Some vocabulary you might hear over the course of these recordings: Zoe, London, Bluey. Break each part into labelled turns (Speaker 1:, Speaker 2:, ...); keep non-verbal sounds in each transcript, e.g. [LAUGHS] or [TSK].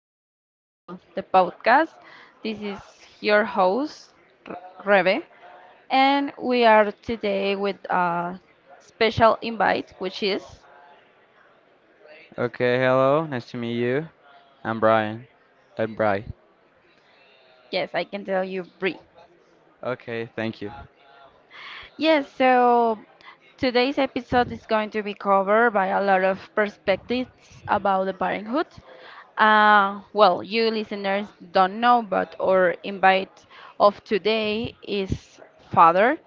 Speaker 1: episode about the podcast. This is your host, R- Rebe, and we are today with a special invite, which is,
Speaker 2: Okay, hello. Nice to meet you. I'm Brian. I'm Bry.
Speaker 1: yes, I can tell you, Brie.
Speaker 2: Okay, thank you.
Speaker 1: Yes, so today's episode is going to be covered by a lot of perspectives about the parenthood. Well, you listeners don't know, but our invite of today is father.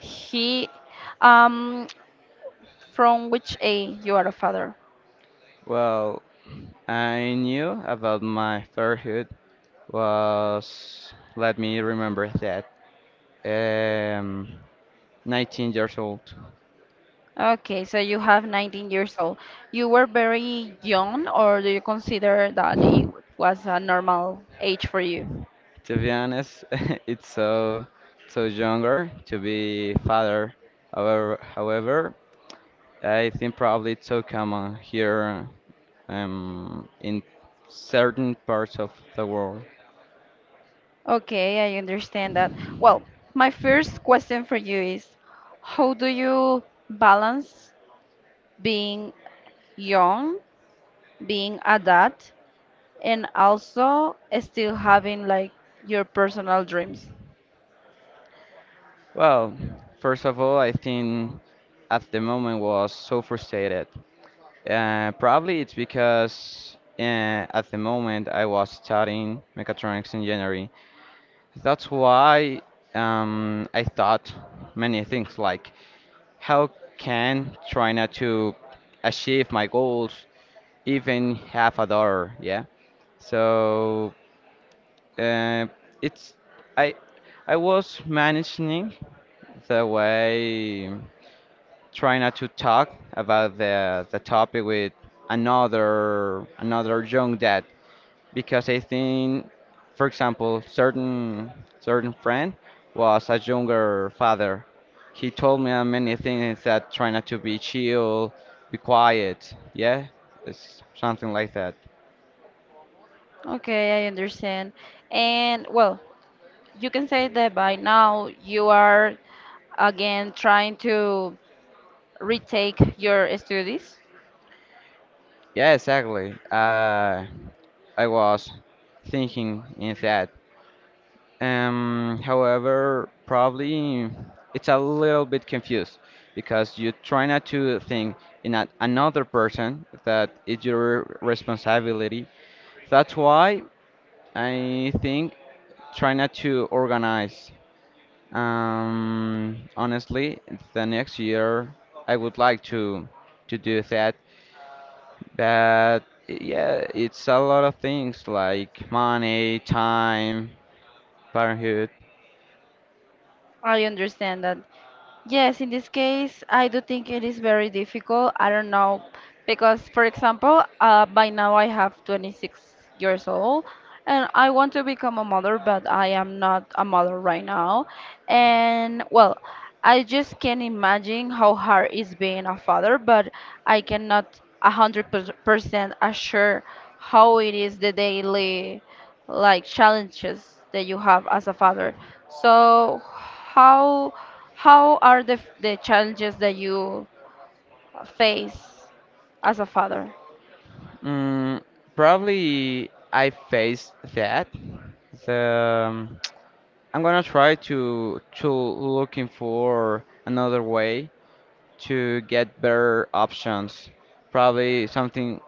Speaker 1: He, um, from which age you are a father?
Speaker 2: Well, I knew about my third was, let me remember that, um, 19 years old.
Speaker 1: Okay, so you have 19 years old. You were very young, or do you consider that it was a normal age for you?
Speaker 2: To be honest, [LAUGHS] it's so younger to be father. However, I think probably it's so common here in certain parts of the world.
Speaker 1: Okay, I understand that. Well, my first question for you is how do you balance being young, being adult, and also still having like your personal dreams?
Speaker 2: Well, first of all, I think at the moment was so frustrated. Probably it's because at the moment I was studying mechatronics engineering. That's why I thought many things like how can try not to achieve my goals even half a dollar, yeah. So uh, it's I I was managing the way. Try not to talk about the topic with another young dad because I think, for example, certain friend was a younger father. He told me many things that try not to be chill, be quiet. Yeah, it's something like that.
Speaker 1: Okay, I understand. And well, you can say that by now you are again trying to retake your studies.
Speaker 2: Yeah, exactly. I was thinking in that. However, probably it's a little bit confused because you try not to think in a, another person that is your responsibility. That's why I think try not to organize. Honestly, the next year I would like to do that, but yeah, it's a lot of things like money, time, parenthood.
Speaker 1: I understand that. Yes, in this case, I do think it is very difficult. I don't know because, for example, by now I have 26 years old and I want to become a mother, but I am not a mother right now. And well, I just can't imagine how hard it's being a father, but I cannot a 100% assure how it is the daily like challenges that you have as a father. So how are the challenges that you face as a father?
Speaker 2: Mm, probably I faced that. The, um, [TSK] I'm gonna try to looking for another way to get better options. Probably something,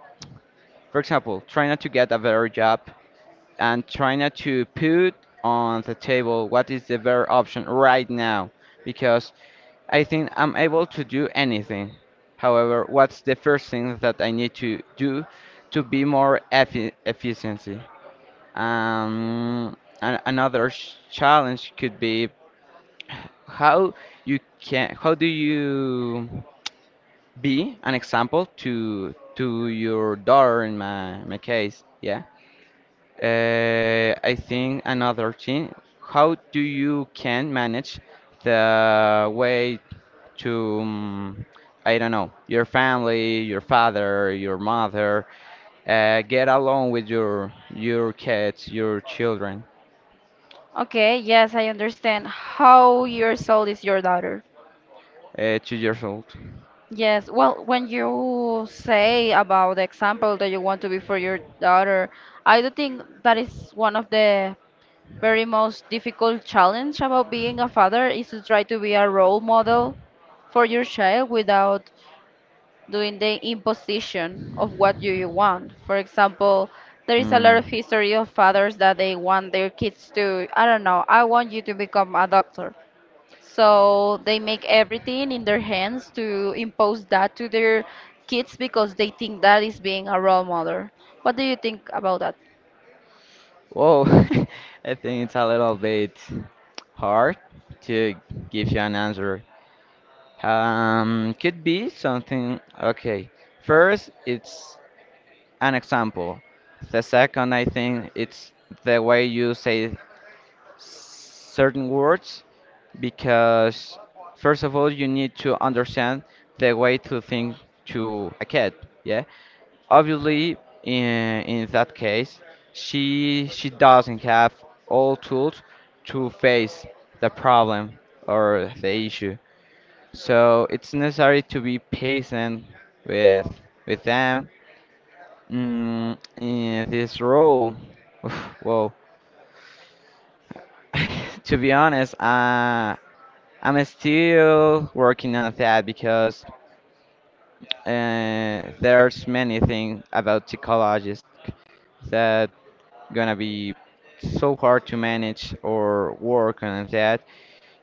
Speaker 2: for example, try not to get a better job and try not to put on the table what is the better option right now, because I think I'm able to do anything. However, what's the first thing that I need to do to be more efficient? Um, another challenge could be how you can how do you be an example to your daughter in my case? Yeah. I think another thing, how do you can manage the way to, I don't know, your family, your father, your mother, get along with your kids, your children,
Speaker 1: Okay, yes, I understand how your soul is your daughter.
Speaker 2: 2 years old.
Speaker 1: Yes, well, when you say about the example that you want to be for your daughter, I do think that is one of the very most difficult challenge about being a father is to try to be a role model for your child without doing the imposition of what you want. For example, there is a lot of
Speaker 2: Mm.
Speaker 1: history of fathers that they want their kids to, I don't know, I want you to become a doctor. So they make everything in their hands to impose that to their kids because they think that is being a role model. What do you think about that?
Speaker 2: Whoa, [LAUGHS] I think it's a little bit hard to give you an answer. Could be something. Okay. First, it's an example. The second, I think it's the way you say certain words because, first of all, you need to understand the way to think to a cat. Yeah. Obviously, in that case, she doesn't have all tools to face the problem or the issue. So it's necessary to be patient with with them mm, in this role. Oof, whoa. [LAUGHS] To be honest, I'm still working on that because there's many things about psychologists that gonna be so hard to manage or work on that.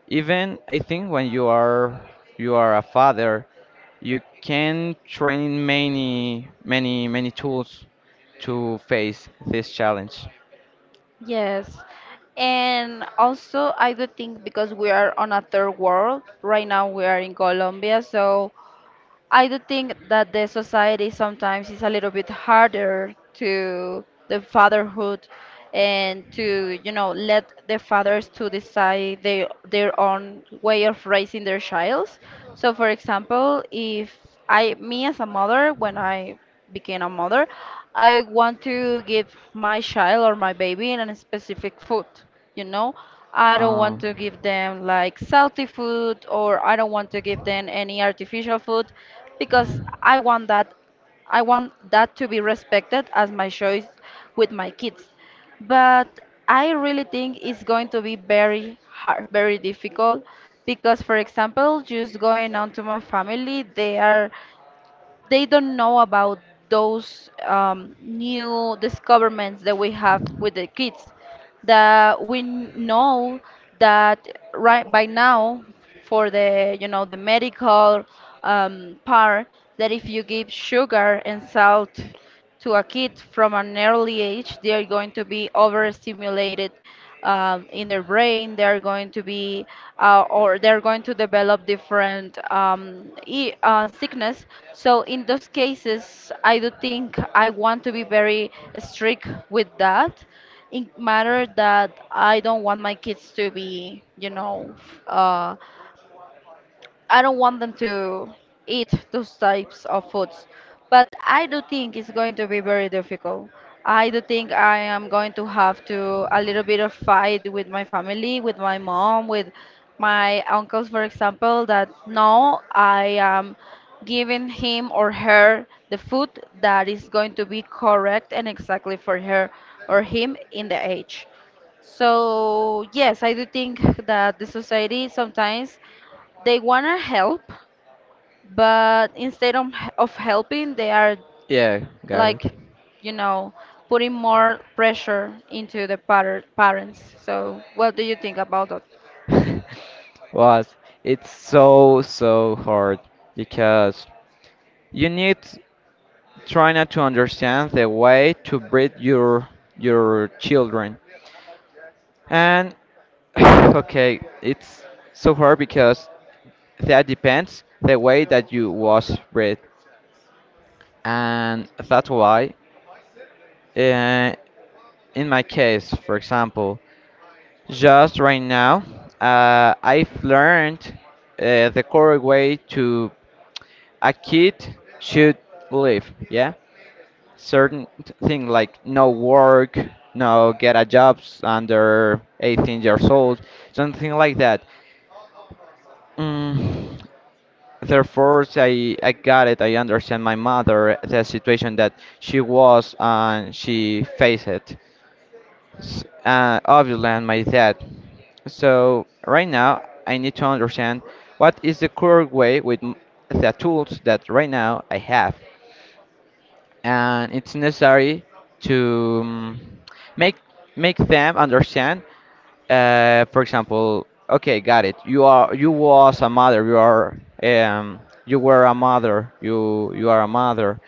Speaker 2: Even I think when you are a father you can train many, many, many tools to face this challenge.
Speaker 1: Yes. And also, I do think because we are on a third world, right now we are in Colombia, so I do think that the society sometimes is a little bit harder to the fatherhood and to, you know, let the fathers to decide their own way of raising their childs. So for example, if I me as a mother, when I became a mother, I want to give my child or my baby in a specific food, you know, I don't want
Speaker 2: Um,
Speaker 1: to give them like salty food or I don't want to give them any artificial food because I want that I want that to be respected as my choice with my kids, but I really think it's going to be very hard, very difficult because for example just going on to my family they are they don't know about those new discoveries that we have with the kids. That we know that right by now, for the you know the medical part, that if you give sugar and salt to a kid from an early age, they are going to be overstimulated in their brain. They are going to be, or they are going to develop different sickness. So in those cases, I do think I want to be very strict with that. In matter that I don't want my kids to be, you know, I don't want them to eat those types of foods. But I do think it's going to be very difficult. I do think I am going to have to a little bit of fight with my family, with my mom, with my uncles, for example, that no, I am giving him or her the food that is going to be correct and exactly for her or him in the age. So, yes, I do think that the society sometimes they want to help, but instead of helping, they are
Speaker 2: yeah, got it.
Speaker 1: like, you know, putting more pressure into the parents. So, what do you think about that?
Speaker 2: [LAUGHS] Was it's so hard because you need try not to understand the way to breed your children and [SIGHS] okay it's so hard because that depends the way that you was bred and that's why uh, in my case for example just right now I've learned the correct way to a kid should live, yeah, certain thing like no work, no get a job under 18 years old, something like that. Mm, therefore, I got it. I understand my mother, the situation that she was and she faced it. Obviously, and my dad. So right now, I need to understand what is the correct way with the tools that right now I have. And it's necessary to make make them understand. For example, okay, got it. You are you was a mother. You are you were a mother. You are a mother.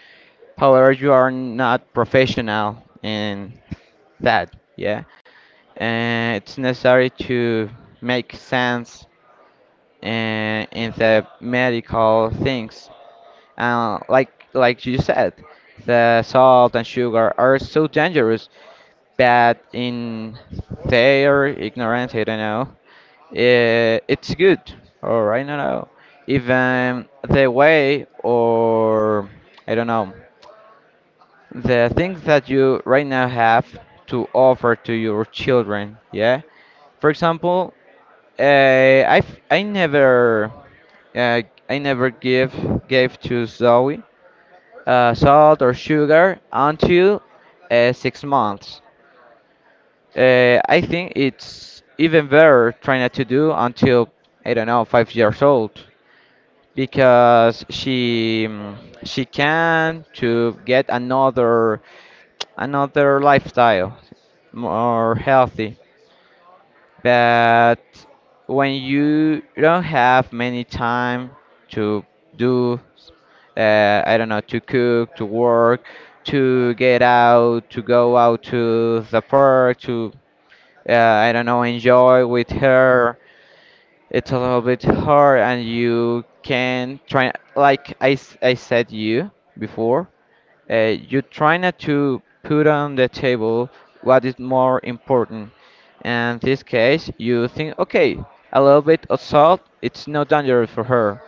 Speaker 2: However, you are not professional in that. Yeah, and it's necessary to make sense in the medical things like you said, the salt and sugar are so dangerous, but in their ignorance, I don't know, eh, it's good, or I don't know. Even the way, or I don't know, the things that you right now have to offer to your children, yeah. For example, uh, I I never uh, I never give gave to Zoe salt or sugar until 6 months. I think it's even better trying not to do until I don't know 5 years old because she mm, she can to get another lifestyle more healthy. But when you don't have many time to do I don't know, to cook, to work, to get out, to go out to the park, to, I don't know, enjoy with her. It's a little bit hard, and you can try, I said you before, you try not to put on the table what is more important. And this case, you think, okay, a little bit of salt, it's not dangerous for her.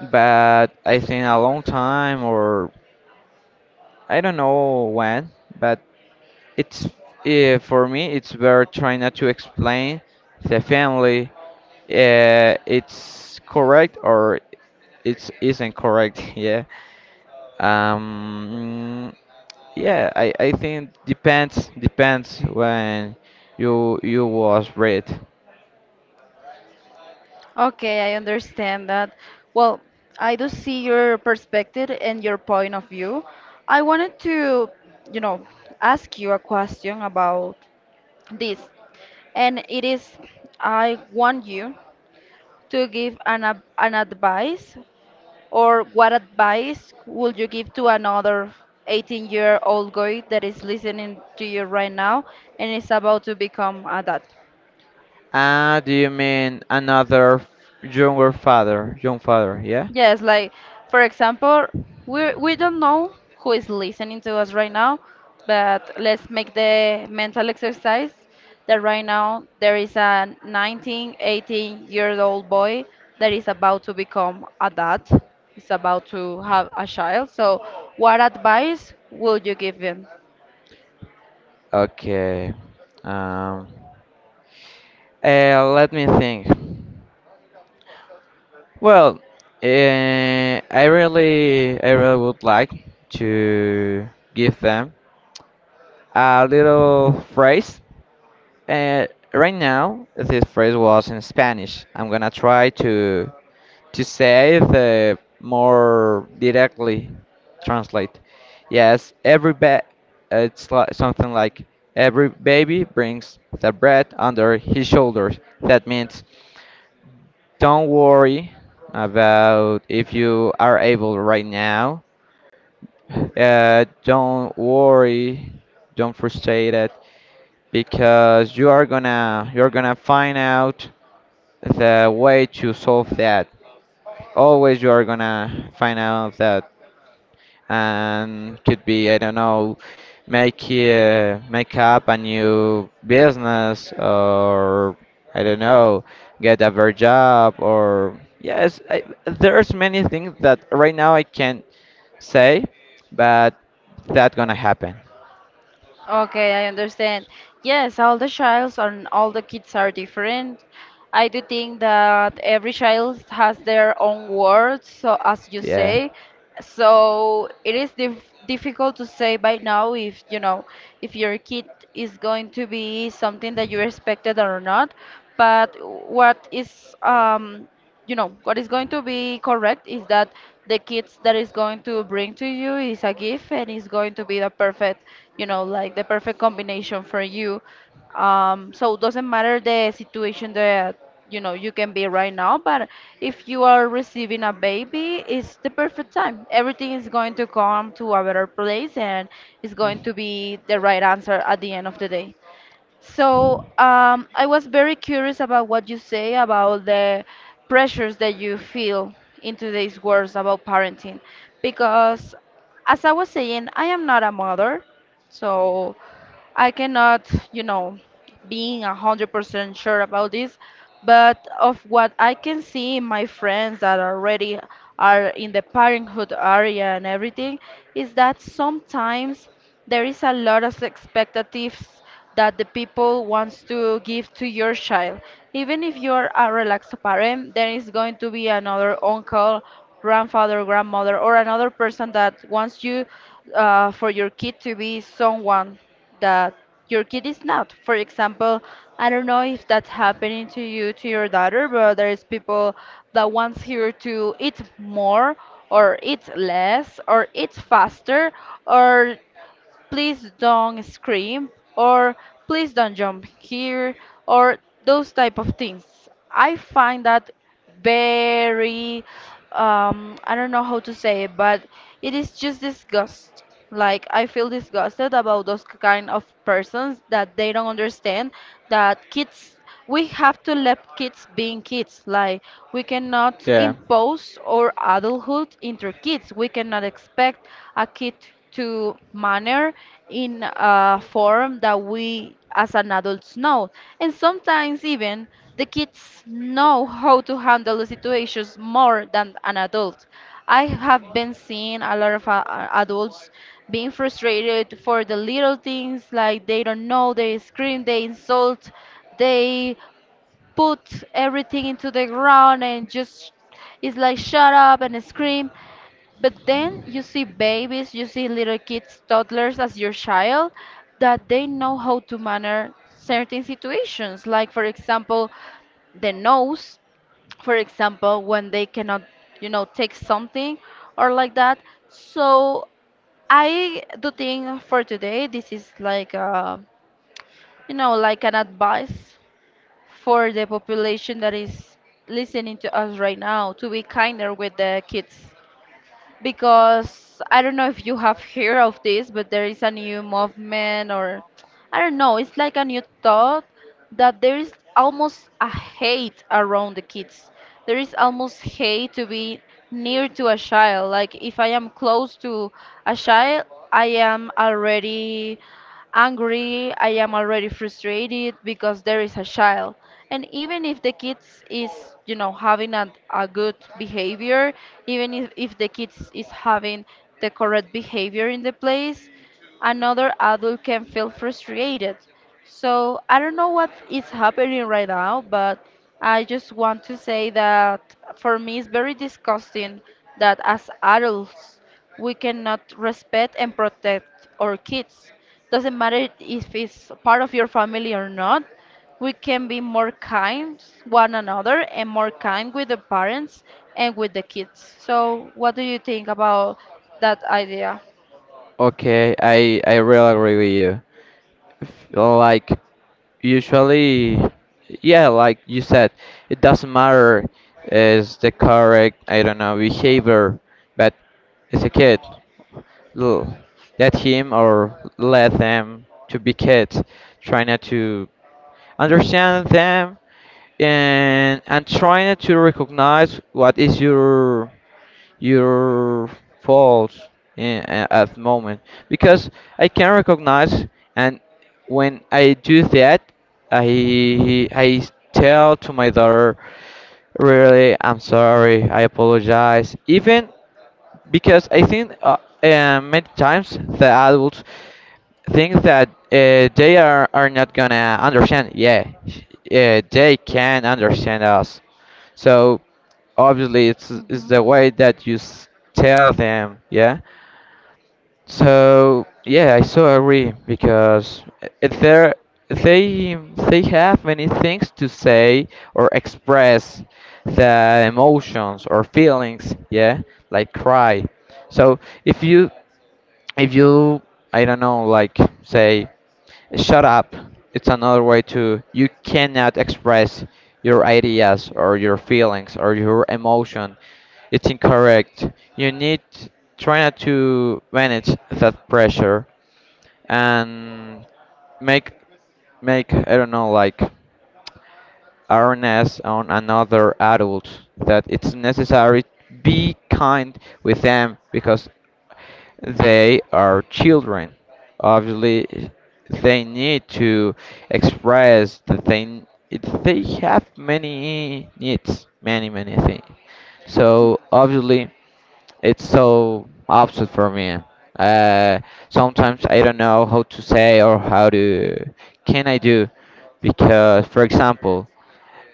Speaker 2: But I think a long time or I don't know when, but it's for me it's better trying not to explain the family. It's correct or it's isn't correct. [LAUGHS] Yeah. Um. Yeah. I think depends when you was read.
Speaker 1: Okay, I understand that. Well, I do see your perspective and your point of view. I wanted to, you know, ask you a question about this. And it is, I want you to give an advice. Or what advice would you give to another 18-year-old guy that is listening to you right now and is about to become a dad?
Speaker 2: Ah, do you mean another younger father? Young father. Yeah.
Speaker 1: Yes, like for example, we don't know who is listening to us right now, but let's make the mental exercise that right now there is a 19, 18-year-old boy that is about to become a dad, is about to have a child. So, what advice would you give him?
Speaker 2: Okay. Um. Let me think. Well, I really would like to give them a little phrase. Uh, right now, this phrase was in Spanish. I'm gonna try to say the more directly translate. Yes, it's like something like every baby brings the bread under his shoulders. That means don't worry about if you are able right now. Don't worry, don't frustrate it because you're gonna find out the way to solve that. Always you are gonna find out that and could be I don't know make make up a new business or I don't know get a very job or yes there's many things that right now I can't say but that gonna happen,
Speaker 1: Okay, I understand. Yes, all the childs and all the kids are different. I do think that every child has their own words, so as you
Speaker 2: yeah.
Speaker 1: say, so it is difficult to say by now if you know if your kid is going to be something that you expected or not. But what is you know what is going to be correct is that the kids that is going to bring to you is a gift and is going to be the perfect, you know, like the perfect combination for you. So it doesn't matter the situation that you know you can be right now, but if you are receiving a baby it's the perfect time, everything is going to come to a better place and it's going
Speaker 2: Mm.
Speaker 1: to be the right answer at the end of the day. So I was very curious about what you say about the pressures that you feel in today's words about parenting, because as I was saying, I am not a mother, so. I cannot, you know, being 100% sure about this, but of what I can see in my friends that already are in the parenthood area and everything, is that sometimes there is a lot of expectations that the people wants to give to your child. Even if you're
Speaker 2: Parents, there
Speaker 1: a
Speaker 2: is no need to be
Speaker 1: relaxed
Speaker 2: a grandfather
Speaker 1: parent, there is going to be another uncle,
Speaker 2: or grandmother
Speaker 1: grandfather, grandmother,
Speaker 2: or
Speaker 1: or another
Speaker 2: another person
Speaker 1: person
Speaker 2: that
Speaker 1: that
Speaker 2: wants
Speaker 1: wants
Speaker 2: you
Speaker 1: you for
Speaker 2: for
Speaker 1: your
Speaker 2: your kid
Speaker 1: kid
Speaker 2: to
Speaker 1: to
Speaker 2: be
Speaker 1: be
Speaker 2: so loud
Speaker 1: someone
Speaker 2: that
Speaker 1: that
Speaker 2: your
Speaker 1: your kid
Speaker 2: kid is
Speaker 1: is
Speaker 2: loud.
Speaker 1: not. For
Speaker 2: For example,
Speaker 1: example,
Speaker 2: I
Speaker 1: I don't
Speaker 2: don't
Speaker 1: know
Speaker 2: know if
Speaker 1: if that's
Speaker 2: that's happening to
Speaker 1: happening
Speaker 2: you
Speaker 1: to you, to
Speaker 2: with your
Speaker 1: your
Speaker 2: daughter,
Speaker 1: daughter, but
Speaker 2: but there are
Speaker 1: there's
Speaker 2: people
Speaker 1: people
Speaker 2: that
Speaker 1: that wants
Speaker 2: wants you
Speaker 1: her to
Speaker 2: to
Speaker 1: eat
Speaker 2: eat more
Speaker 1: more
Speaker 2: or
Speaker 1: or
Speaker 2: eat
Speaker 1: eat
Speaker 2: less
Speaker 1: less
Speaker 2: or
Speaker 1: or
Speaker 2: eat
Speaker 1: eat
Speaker 2: faster
Speaker 1: faster
Speaker 2: or
Speaker 1: or
Speaker 2: please
Speaker 1: please
Speaker 2: don't
Speaker 1: don't
Speaker 2: scream
Speaker 1: scream
Speaker 2: or
Speaker 1: or
Speaker 2: please
Speaker 1: please don't
Speaker 2: don't jump.
Speaker 1: jump here or those type of things. I find that very I don't know how to say it, but it is just disgust. Like I feel disgusted about those kind of persons that they don't understand that kids we have to let kids being kids. Like we cannot impose our adulthood into kids. We cannot expect a kid to manner in a form that we as an adults know. And sometimes even the kids know how to handle the situations more than an adult. I have been seeing a lot of adults being frustrated for the little things like they don't know, they scream, they insult, they put everything into the ground and just it's like shut up and scream, but then you see babies, you see little kids, toddlers, as your child, that they know how to manage certain situations like for example the nose, for example when they cannot you know take something or like that. So I do think for today this is like a, you know, like an advice for the population that is listening to us right now to be kinder with the kids, because I don't know if you have heard of this, but there is a new movement, or I don't know, it's like a new thought that there is almost a hate around the kids. There is almost hate to be near to a child. Like if I am close to a child, I am already angry, I am already frustrated because there is a child. And even if the kids is, you know, having a good behavior, even if the kids is having the correct behavior in the place, another adult can feel frustrated. So I don't know what is happening right now, but I just want to say that for me it's very disgusting that as adults we cannot respect and protect our kids. Doesn't matter if it's part of your family or not. We can be more kind one another and more kind with the parents and with the kids. So, what do you think about that idea?
Speaker 2: Okay, I really agree with you. Like usually, yeah, like you said, it doesn't matter is the correct I don't know behavior, but it's a kid. L- Let him or let them to be kids, try not to understand them and try not to recognize what is your faults at the moment because I can recognize and when I do that I tell to my daughter really I'm sorry I apologize even because I think many times the adults things that are not gonna understand. Yeah, they can understand us. So obviously, it's
Speaker 1: hmm
Speaker 2: the way that you tell them. Yeah. So yeah, I so agree because they they have many things to say or express the emotions or feelings. Yeah, like cry. So if you if you I don't know like say shut up. It's another way to you cannot express your ideas or your feelings or your emotion. It's incorrect. You need try not to manage that pressure and make make I don't know like awareness on another adult that it's necessary be kind with them because they are children. Obviously, they need to express the thing. They have many needs, many, many things. So obviously, it's so opposite for me. Uh, Sometimes I don't know how to say or how to can I do because, for example,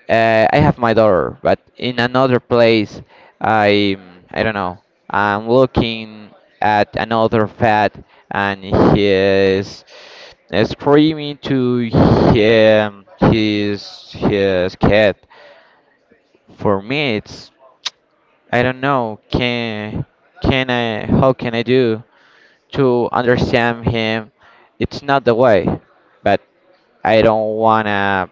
Speaker 2: I have my daughter, but in another place, I I don't know. I'm looking at another fat, and he is screaming to him his cat. For me, it's I don't know. Can I? How can I do to understand him? It's not the way, but I don't wanna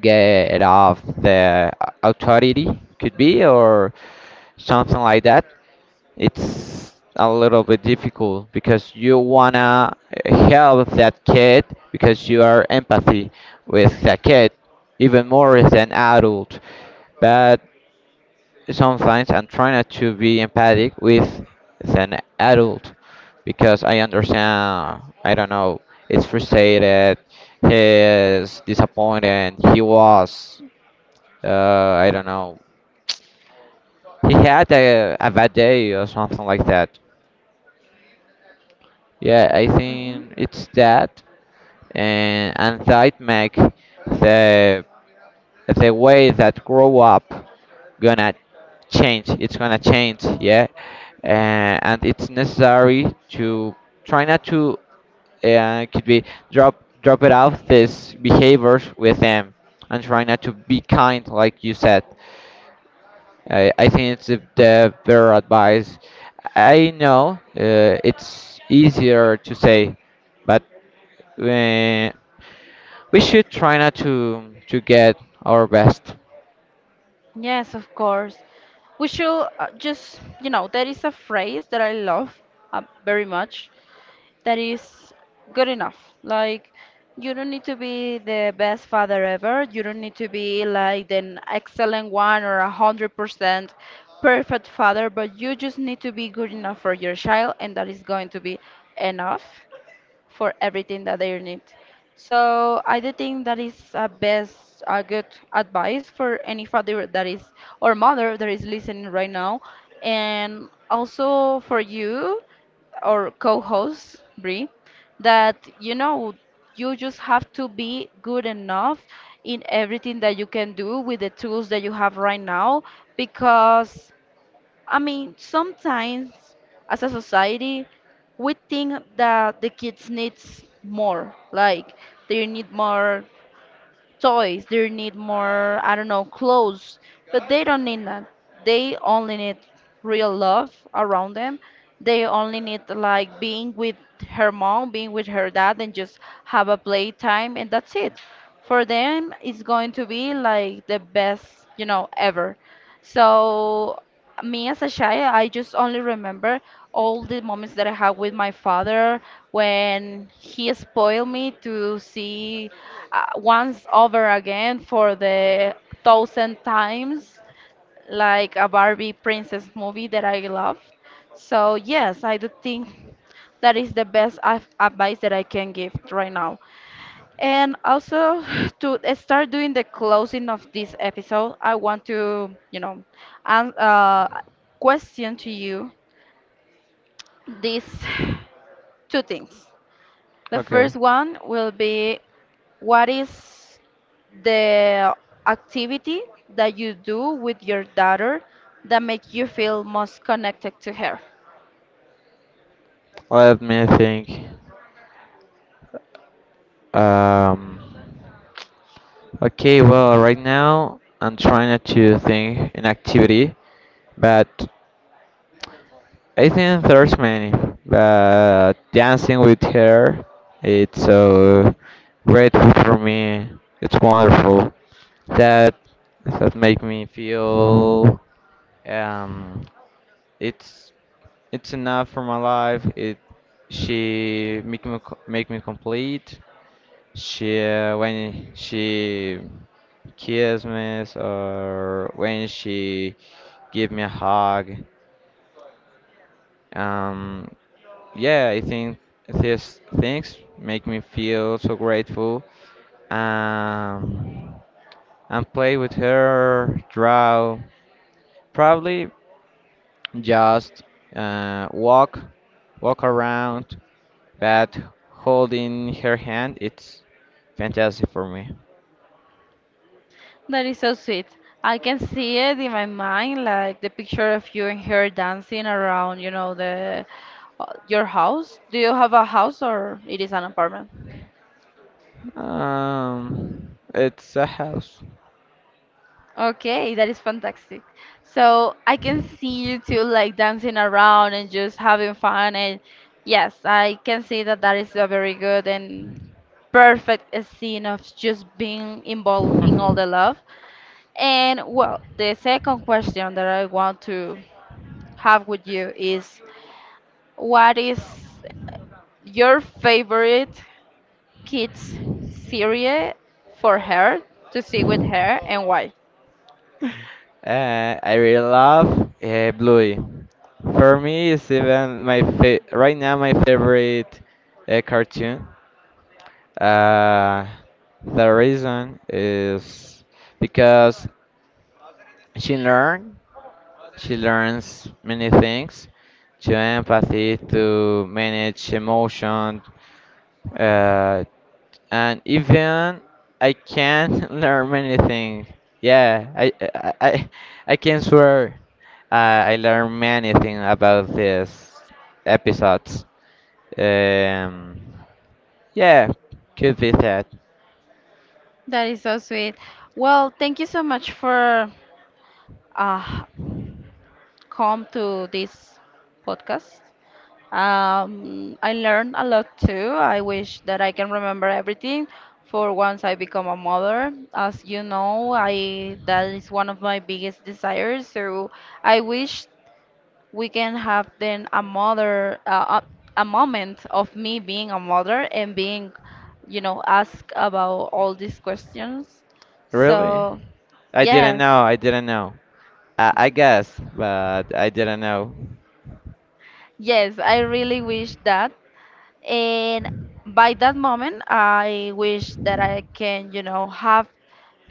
Speaker 2: get off the authority could be or something like that. It's a little bit difficult because you wanna help that kid because you are empathy with that kid even more than adult, but sometimes I'm trying not to be empathic with an adult because I understand I don't know it's frustrated he's disappointed he was uh, I don't know. He had a bad day or something like that. Yeah, I
Speaker 1: hmm
Speaker 2: think it's that, and that make the the way that grow up gonna change. It's gonna change. Yeah, and it's necessary to try not to could be drop it out these behaviors with them and try not to be kind like you said. I think it's the better advice. I know it's easier to say, but uh, we should try not to get our best.
Speaker 1: Yes, of course. We should just, you know, there is a phrase that I love very much. That is good enough. Like, you don't need to be the best father ever. You don't need to be like an excellent one or 100% perfect father, but you just need to be good enough for your child, and that is going to be enough for everything that they need. So I do think that is a good advice for any father that is or mother that is listening right now, and also for you or co-host Brie, that you know you just have to be good enough in everything that you can do with the tools that you have right now because I mean, sometimes as a society, we think that the kids needs more. Like they need more toys, they need more, I don't know, clothes, but they don't need that. They only need real love around them. They only need like being with her mom, being with her dad, and just have a playtime, and that's it. For them, it's going to be like the best ever. So me as a child, I just only remember all the moments that I had with my father when he spoiled me to see once over again for the thousand times, like a Barbie princess movie that I love. So yes, I do think that is the best advice that I can give right now. And also [SIGHS] to start doing the closing of this episode, I want to an question to you these [SIGHS] two things. The
Speaker 2: Okay,
Speaker 1: first one will be what is the activity that you do with your daughter that make you feel most connected to her?
Speaker 2: let me think. Um, okay, well, right now I'm trying not to think an activity, but I think there's many, but dancing with her, it's so grateful for me. It's wonderful. That that make me feel um it's it's enough for my life. It she make me co- make me complete. She when she kiss me or when she give me a hug. Um, yeah, I think these things make me feel so grateful. Um, and play with her, draw, probably just walk, walk around, but holding her hand, it's fantastic for me.
Speaker 1: That is so sweet. I can see it in my mind, like the picture of you and her dancing around, you know, the your house. Do you have a house or it is an apartment?
Speaker 2: It's a house.
Speaker 1: Okay, that is fantastic. So I can see you two like dancing around and just having fun. And yes, I can see that that is a very good and perfect scene of just being involved in all the love.
Speaker 2: [LAUGHS]
Speaker 1: And well, the second question that I want to have with you is what is your favorite kids series for her to see with her and why?
Speaker 2: I really love Bluey. For me, it's even my right now my favorite cartoon. Uh, the reason is because she learn, she learns many things, to empathy, to manage emotion. Uh, and even I can [LAUGHS] learn many things. Yeah, I can swear I learned many things about these episodes. Um, yeah, could be that.
Speaker 1: That is so sweet. Well, thank you so much for uh, come to this podcast. I learned a lot too. I wish that I can remember everything for once I become a mother. As you know, I that is one of my biggest desires. So I wish we can have then a mother a moment of me being a mother and being asked about all these questions
Speaker 2: Really?
Speaker 1: so
Speaker 2: I didn't
Speaker 1: yes,
Speaker 2: know. I didn't know. I guess, but I didn't know.
Speaker 1: yes, I really wish that. And by that moment, I wish that I can have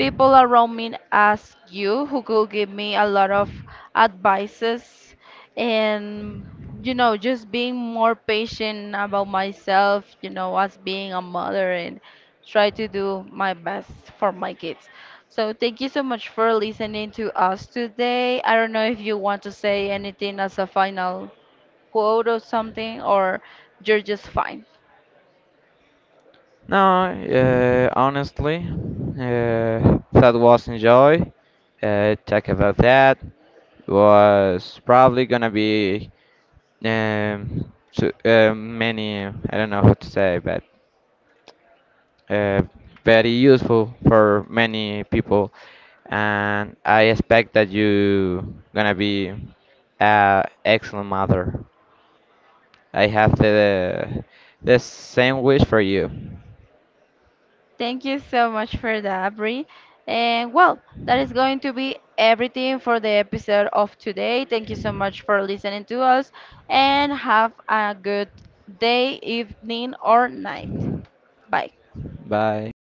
Speaker 1: people around me as you who could give me a lot of advices and just being more patient about myself, as being a mother and try to do my best for my kids. So thank you so much for listening to us today. I don't know if you want to say anything as a final quote or something, or you're just fine.
Speaker 2: No, honestly, that was enjoy. Talk about that was probably gonna be many I don't know how to say, but uh, very useful for many people. And I expect that you gonna be a excellent mother. I have the same wish for you.
Speaker 1: Thank you so much for that, Bri. And well, that is going to be everything for the episode of today. Thank you so much for listening to us and have a good day if
Speaker 2: Bye.